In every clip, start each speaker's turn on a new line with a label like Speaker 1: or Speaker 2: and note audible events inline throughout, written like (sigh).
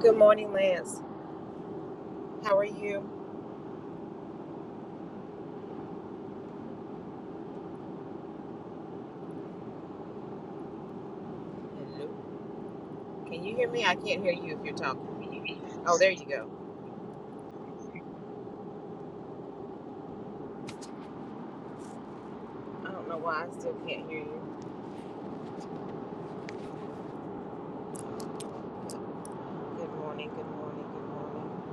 Speaker 1: Good morning, Lance. How are you? Hello. Can you hear me? I can't hear you if you're talking. Oh, there you go. I don't know why I still can't hear you. Good morning, good morning, good morning.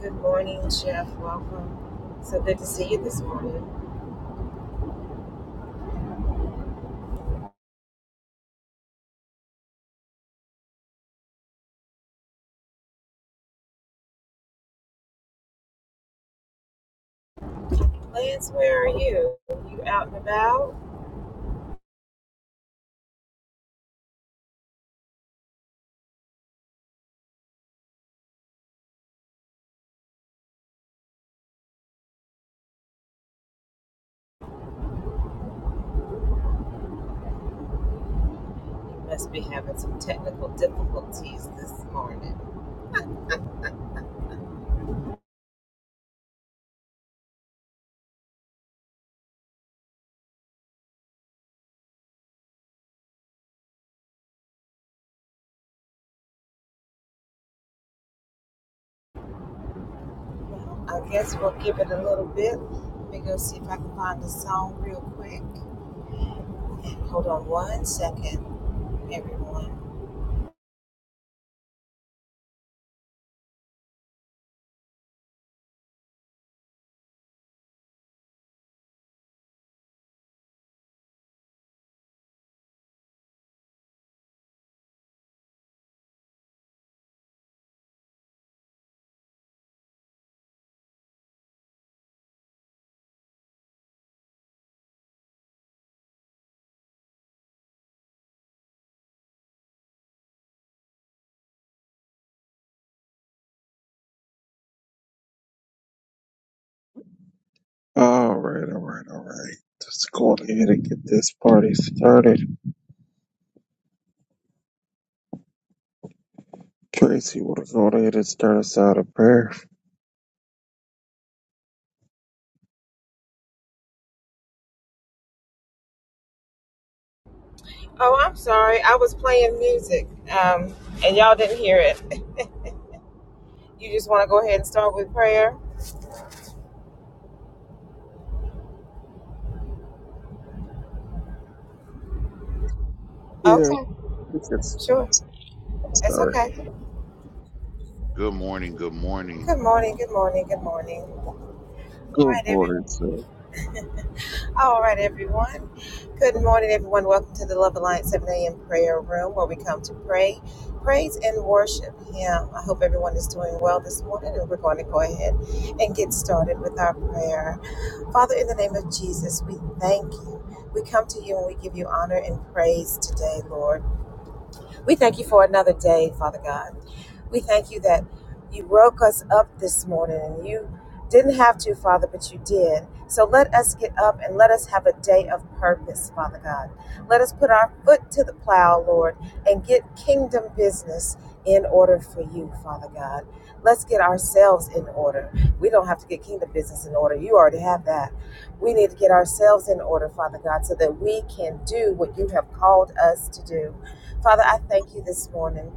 Speaker 1: Good morning, Jeff. Welcome. So good to see you this morning. Lance, where are you? You out and about? You must be having some technical difficulties this morning. Well, I guess we'll give it a little bit. Let me go see if I can find the song real quick. Hold on one second, everyone.
Speaker 2: All right, all right, all right. Let's go on ahead and get this party started. Tracy, we'll go on ahead and start us out in prayer?
Speaker 1: Oh, I'm sorry. I was playing music, um, and y'all didn't hear it. You just want to go ahead and start with prayer?
Speaker 2: Yeah,
Speaker 1: Okay,
Speaker 2: we can
Speaker 1: sure. It's
Speaker 2: start.
Speaker 1: okay.
Speaker 3: Good morning. Good morning.
Speaker 1: Good morning. Good morning. Good morning. All
Speaker 2: Good
Speaker 1: right, everyone.
Speaker 2: morning, sir.
Speaker 1: All right, everyone. Good morning, everyone. Welcome to the Love Alliance 7 a.m. prayer room where we come to pray, praise, and worship Him. I hope everyone is doing well this morning, and we're going to go ahead and get started with our prayer. Father, in the name of Jesus, we thank you. We come to you and we give you honor and praise today, Lord. We thank you for another day, Father God. We thank you that you woke us up this morning and you didn't have to, Father, but you did. So let us get up and let us have a day of purpose, Father God. Let us put our foot to the plow, Lord, and get kingdom business in order for you, Father God. Let's get ourselves in order. We don't have to get kingdom business in order. You already have that. We need to get ourselves in order, Father God, so that we can do what you have called us to do. Father, I thank you this morning.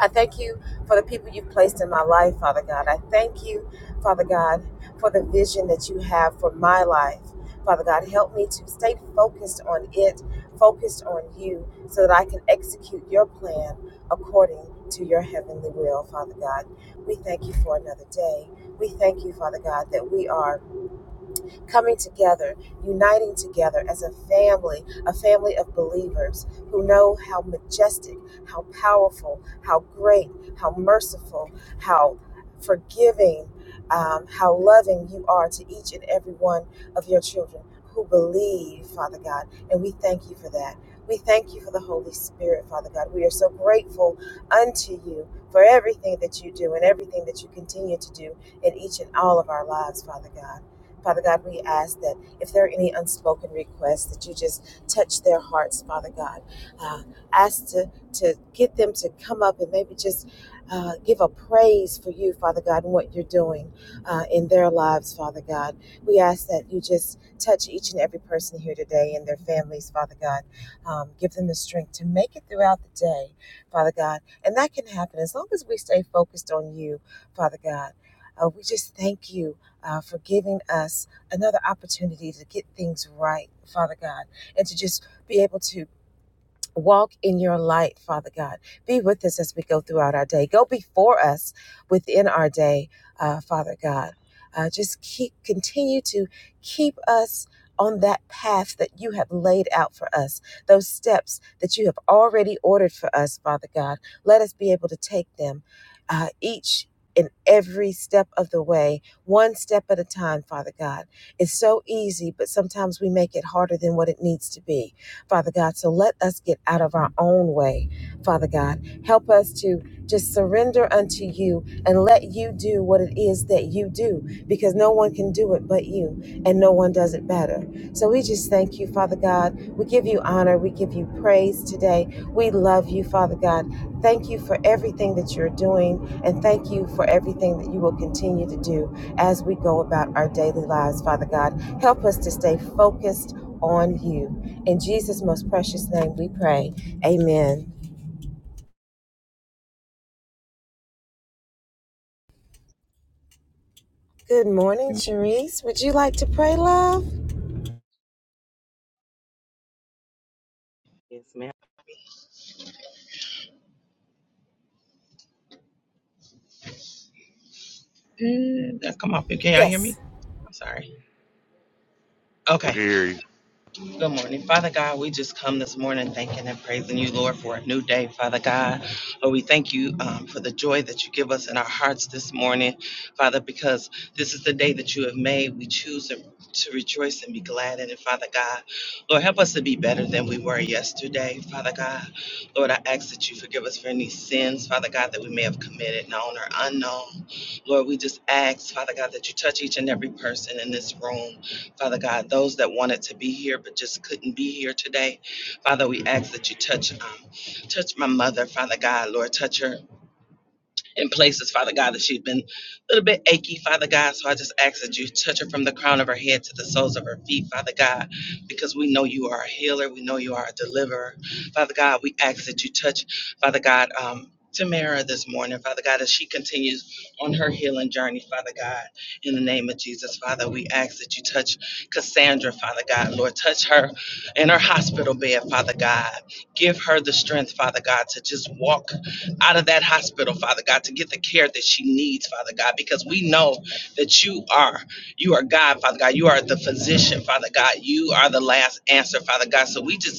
Speaker 1: I thank you for the people you've placed in my life, Father God. I thank you, Father God, for the vision that you have for my life. Father God, help me to stay focused on it, focused on you, so that I can execute your plan according to your heavenly will, Father God. We thank you for another day. We thank you, Father God, that we are coming together, uniting together as a family, a family of believers who know how majestic, how powerful, how great, how merciful, how forgiving, um, how loving you are to each and every one of your children who believe, Father God. And we thank you for that. We thank you for the Holy Spirit, Father God. We are so grateful unto you for everything that you do and everything that you continue to do in each and all of our lives, Father God. Father God, we ask that if there are any unspoken requests, that you just touch their hearts, Father God. Uh, ask to, to get them to come up and maybe just uh, give a praise for you, Father God, and what you're doing uh, in their lives, Father God. We ask that you just touch each and every person here today and their families, Father God. Um, give them the strength to make it throughout the day, Father God. And that can happen as long as we stay focused on you, Father God. Uh, we just thank you uh, for giving us another opportunity to get things right, Father God, and to just be able to Walk in your light, Father God. Be with us as we go throughout our day. Go before us within our day, uh, Father God. Uh, just keep, continue to keep us on that path that you have laid out for us, those steps that you have already ordered for us, Father God. Let us be able to take them uh, each and every step of the way, one step at a time, Father God. It's so easy, but sometimes we make it harder than what it needs to be. Father God. So let us get out of our own way, Father God. Help us to just surrender unto you and let you do what it is that you do because no one can do it but you and no one does it better. So we just thank you, Father God. We give you honor. We give you praise today. We love you, Father God. Thank you for everything that you're doing and thank you for everything that you will continue to do as we go about our daily lives, Father God. Help us to stay focused on you. In Jesus' most precious name we pray. Amen. Good morning,
Speaker 2: Amen.
Speaker 1: Cherise. Would you like to pray, love?
Speaker 4: Yes, ma'am. Uh, That's come off. Can y'all hear
Speaker 1: Yes.
Speaker 4: me? I'm sorry. Okay.
Speaker 3: Look at here,
Speaker 4: Good morning. Father God, we just come this morning thanking and praising you, Lord, for a new day, Father God. Lord, we thank you um, for the joy that you give us in our hearts this morning, Father, because this is the day that you have made. We choose to to rejoice and be glad in it, Father God. Lord, help us to be better than we were yesterday, Father God. Lord, I ask that you forgive us for any sins, Father God, that we may have committed, known or unknown. Lord, we just ask, Father God, that you touch each and every person in this room. Father God, those that wanted to be here but just couldn't be here today, Father, we ask that you touch, um, touch my mother, Father God, Lord, touch her in places, Father God, that she's been a little bit achy, Father God. So I just ask that you touch her from the crown of her head to the soles of her feet, Father God, because we know you are a healer. We know you are a deliverer. Father God, we ask that you touch, Father God, um, Tamara this morning, Father God, as she continues on her healing journey, Father God, in the name of Jesus, Father, we ask that you touch Cassandra, Father God, Lord, touch her in her hospital bed, Father God. Give her the strength, Father God, to just walk out of that hospital, Father God, to get the care that she needs, Father God, because we know that you are, you are God, Father God. You are the physician, Father God. You are the last answer, Father God. So we just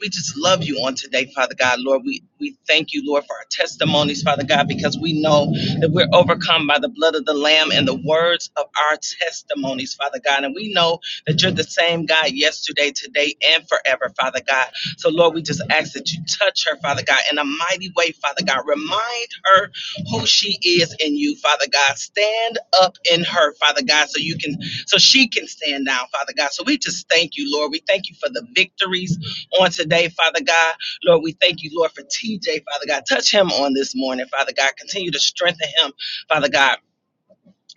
Speaker 4: we just love you on today, Father God. Lord, we, we thank you, Lord, for our testimonies, Father God, because we know that we're overcome by the blood of the Lamb and the words of our testimonies, Father God. And we know that you're the same God yesterday, today, and forever, Father God. So, Lord, we just ask that you touch her, Father God, in a mighty way, Father God. Remind her who she is in you, Father God. Stand up in her, Father God, so you can so she can stand down, Father God. So we just thank you, Lord. We thank you for the victories on today, Father God. Lord, we thank you, Lord, for TJ, Father God. Touch him on this morning, Father God. Continue to strengthen him, Father God.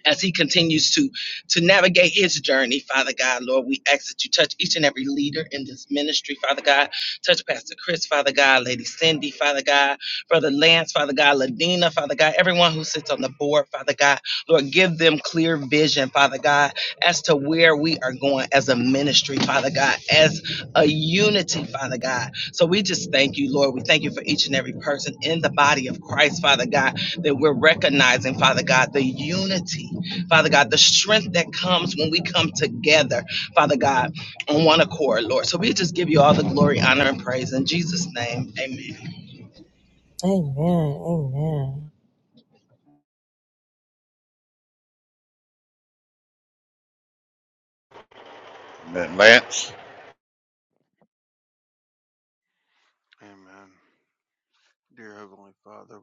Speaker 4: As he continues to to navigate his journey, Father God, Lord, we ask that you touch each and every leader in this ministry, Father God. Touch Pastor Chris, Father God, Lady Cindy, Father God, Brother Lance, Father God, Ladina, Father God, everyone who sits on the board, Father God. Lord, give them clear vision, Father God as to where we are going as a ministry, Father God, as a unity, Father God. So we just thank you, Lord. We thank you for each and every person in the body of Christ, Father God, that we're recognizing, Father God, the unity, Father God, the strength that comes when we come together, Father God, on one accord, Lord. So we just give you all the glory, honor, and praise in Jesus' name. Amen.
Speaker 1: Amen. Amen.
Speaker 3: man, Lance.
Speaker 2: Amen. Dear Heavenly Father,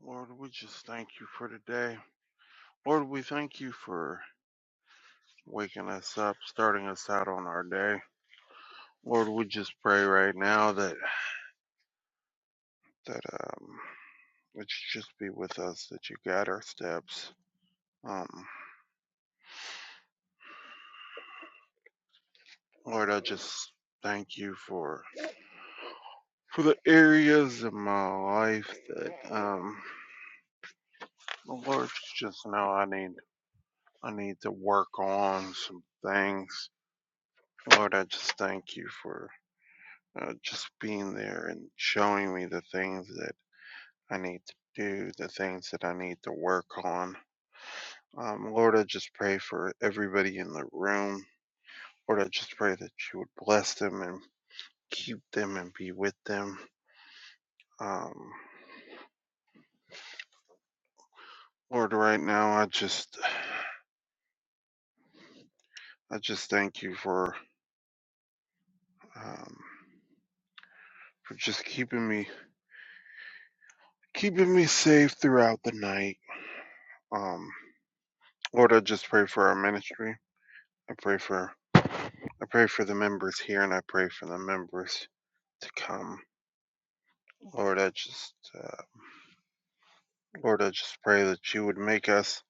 Speaker 2: Lord, we just thank you for today. Lord, we thank you for waking us up, starting us out on our day. Lord, we just pray right now that that um that you just be with us, that you guide our steps. Um, Lord, I just thank you for for the areas of my life that um Lord just know I need I need to work on some things. Lord, I just thank you for uh, just being there and showing me the things that I need to do, the things that I need to work on. Um, Lord, I just pray for everybody in the room. Lord, I just pray that you would bless them and keep them and be with them. Um, Lord, right now I just I just thank you for um, for just keeping me keeping me safe throughout the night. Um, Lord, I just pray for our ministry. I pray for I pray for the members here, and I pray for the members to come. Lord, I just uh, Lord, I just pray that you would make us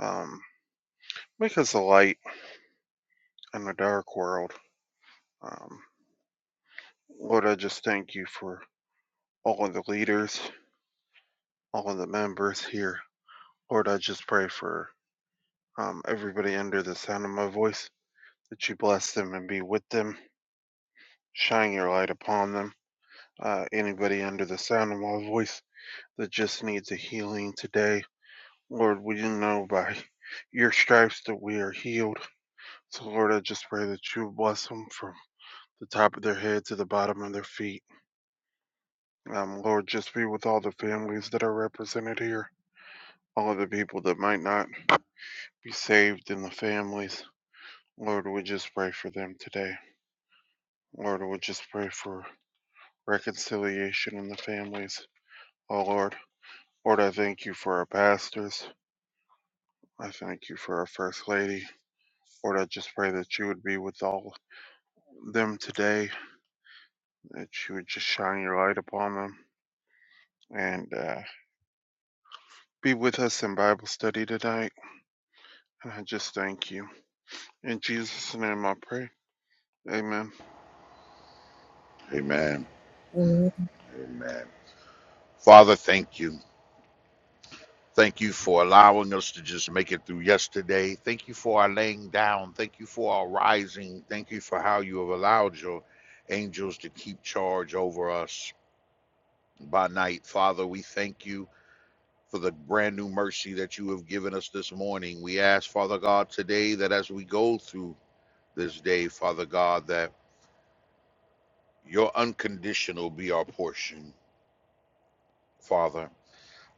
Speaker 2: um, make us a light in a dark world. Um, Lord, I just thank you for all of the leaders, all of the members here. Lord, I just pray for um, everybody under the sound of my voice, that you bless them and be with them, shine your light upon them. Uh, anybody under the sound of my voice that just needs a healing today, Lord, we know by your stripes that we are healed. So, Lord, I just pray that you bless them from the top of their head to the bottom of their feet. Um, Lord, just be with all the families that are represented here, all of the people that might not be saved in the families. Lord, we just pray for them today. Lord, we just pray for reconciliation in the families. Oh, Lord. Lord, I thank you for our pastors. I thank you for our First Lady. Lord, I just pray that you would be with all them today, that you would just shine your light upon them and uh, be with us in Bible study tonight. And I just thank you. In Jesus' name I pray. Amen.
Speaker 3: Amen.
Speaker 1: Amen.
Speaker 3: Amen. Father, thank you. Thank you for allowing us to just make it through yesterday. Thank you for our laying down. Thank you for our rising. Thank you for how you have allowed your angels to keep charge over us by night. Father, we thank you for the brand new mercy that you have given us this morning. We ask, Father God, today that as we go through this day, Father God, that Your unconditional be our portion, Father.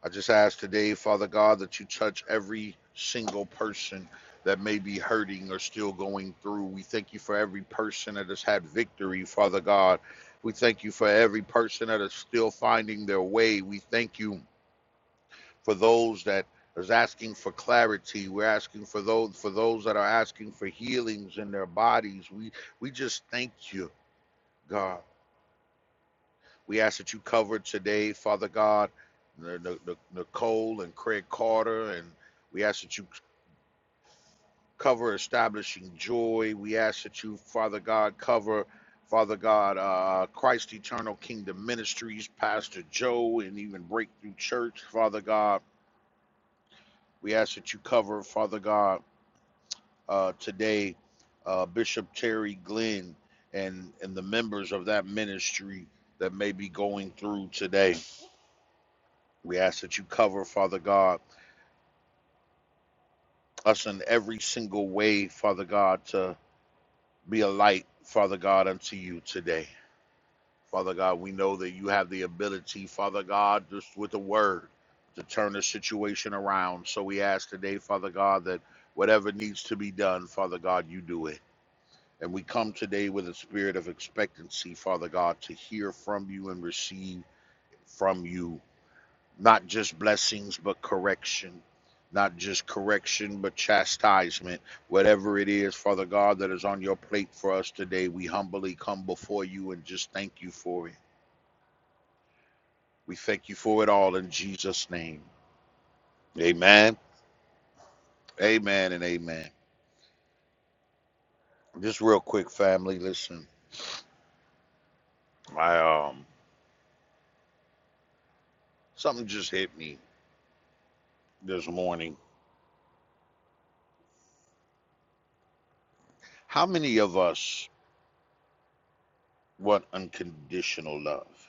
Speaker 3: I just ask today, Father God, that you touch every single person that may be hurting or still going through. We thank you for every person that has had victory, Father God. We thank you for every person that is still finding their way. We thank you for those that is asking for clarity. We're asking for those for those that are asking for healings in their bodies. We we just thank you, God. We ask that you cover today, Father God, Nicole and Craig Carter, and we ask that you cover establishing joy. We ask that you, Father God, cover, Father God, uh, Christ Eternal Kingdom Ministries, Pastor Joe, and even Breakthrough Church, Father God. We ask that you cover, Father God, uh, today, uh, Bishop Terry Glenn and and the members of that ministry that may be going through today. We ask that you cover, Father God, us in every single way, Father God, to be a light, Father God, unto you today. Father God, we know that you have the ability, Father God, just with the word to turn the situation around. So we ask today, Father God, that whatever needs to be done, Father God, you do it. And we come today with a spirit of expectancy, Father God, to hear from you and receive from you not just blessings but correction not just correction but chastisement whatever it is father god that is on your plate for us today we humbly come before you and just thank you for it we thank you for it all in jesus name amen amen and amen just real quick family listen i um something just hit me this morning how many of us want unconditional love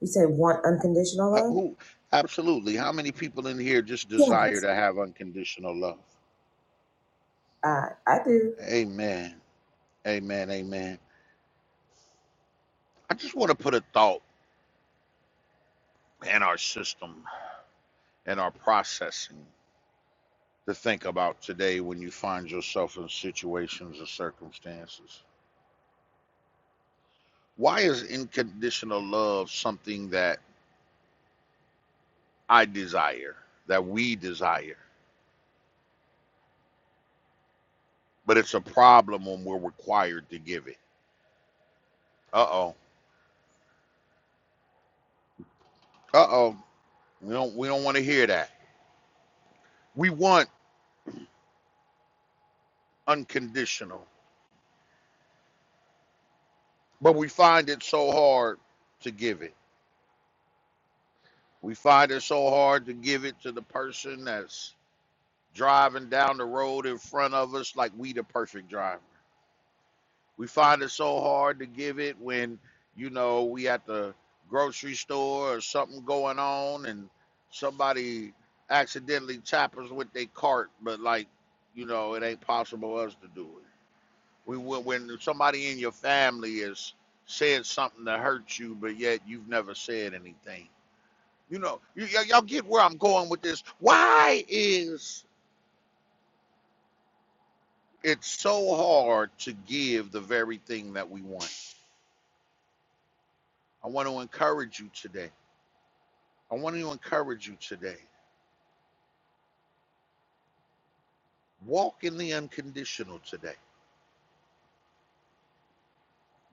Speaker 1: You say want unconditional
Speaker 3: Uh, who? Absolutely. How many people in here just
Speaker 1: love?
Speaker 3: desire
Speaker 1: Yes.
Speaker 3: to have unconditional love?
Speaker 1: Uh, I do.
Speaker 3: Amen. Amen. Amen. I just want to put a thought in our system and our processing to think about today when you find yourself in situations or circumstances. Why is unconditional love something that I desire, that we desire, but it's a problem when we're required to give it? Uh oh. Uh oh. We don't we don't want to hear that. We want unconditional. But we find it so hard to give it. We find it so hard to give it to the person that's driving down the road in front of us like we the perfect driver. We find it so hard to give it when, you know, we at the grocery store or something going on and somebody accidentally tap us with their cart, but like, you know, it ain't possible for us to do it. We when when somebody in your family is said something to hurt you, but yet you've never said anything You know, y- y- y'all get where I'm going with this. Why is it so hard to give the very thing that we want? I want to encourage you today. I want to encourage you today. Walk in the unconditional today.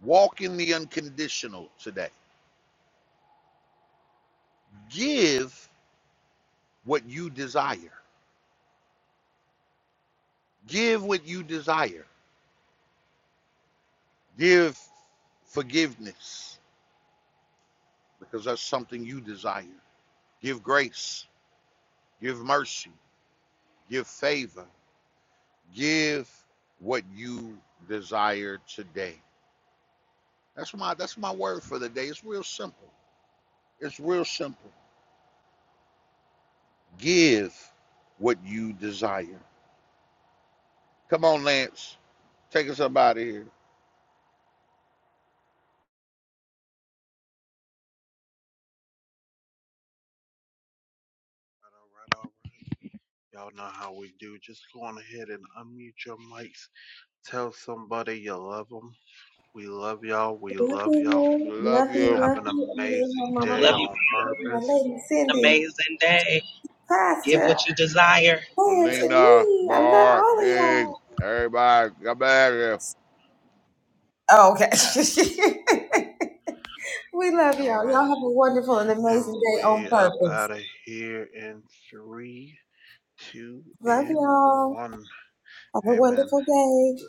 Speaker 3: Walk in the unconditional today. Give what you desire. Give what you desire. Give forgiveness because that's something you desire. Give grace. Give mercy. Give favor. Give what you desire today. That's my that's my word for the day. It's real simple. It's real simple. Give what you desire. Come on, Lance. Take us up out of here.
Speaker 2: All right, all right. Y'all know how we do. Just go on ahead and unmute your mics. Tell somebody you love them. We love y'all. We
Speaker 1: Love
Speaker 2: love
Speaker 1: you,
Speaker 2: y'all.
Speaker 3: Love
Speaker 1: love you,
Speaker 3: you.
Speaker 2: Have
Speaker 1: love
Speaker 2: an
Speaker 1: you. And then
Speaker 2: amazing
Speaker 1: my mama,
Speaker 2: day
Speaker 4: Love you.
Speaker 2: on
Speaker 1: my
Speaker 2: purpose.
Speaker 1: lady, Cindy,
Speaker 4: Amazing day. Give
Speaker 1: Pastor,
Speaker 4: what you desire.
Speaker 1: Lance, and
Speaker 3: Alina,
Speaker 1: me. I love
Speaker 3: Barb,
Speaker 1: all of
Speaker 3: Dig,
Speaker 1: y'all.
Speaker 3: everybody, come back here.
Speaker 1: Oh, okay. (laughs) we love y'all. Y'all
Speaker 2: Amen.
Speaker 1: have a wonderful and
Speaker 2: And
Speaker 1: amazing day on
Speaker 2: we up
Speaker 1: purpose.
Speaker 2: out of here in three, two,
Speaker 1: Love
Speaker 2: and
Speaker 1: y'all.
Speaker 2: one.
Speaker 1: Have a
Speaker 2: Amen.
Speaker 1: wonderful day.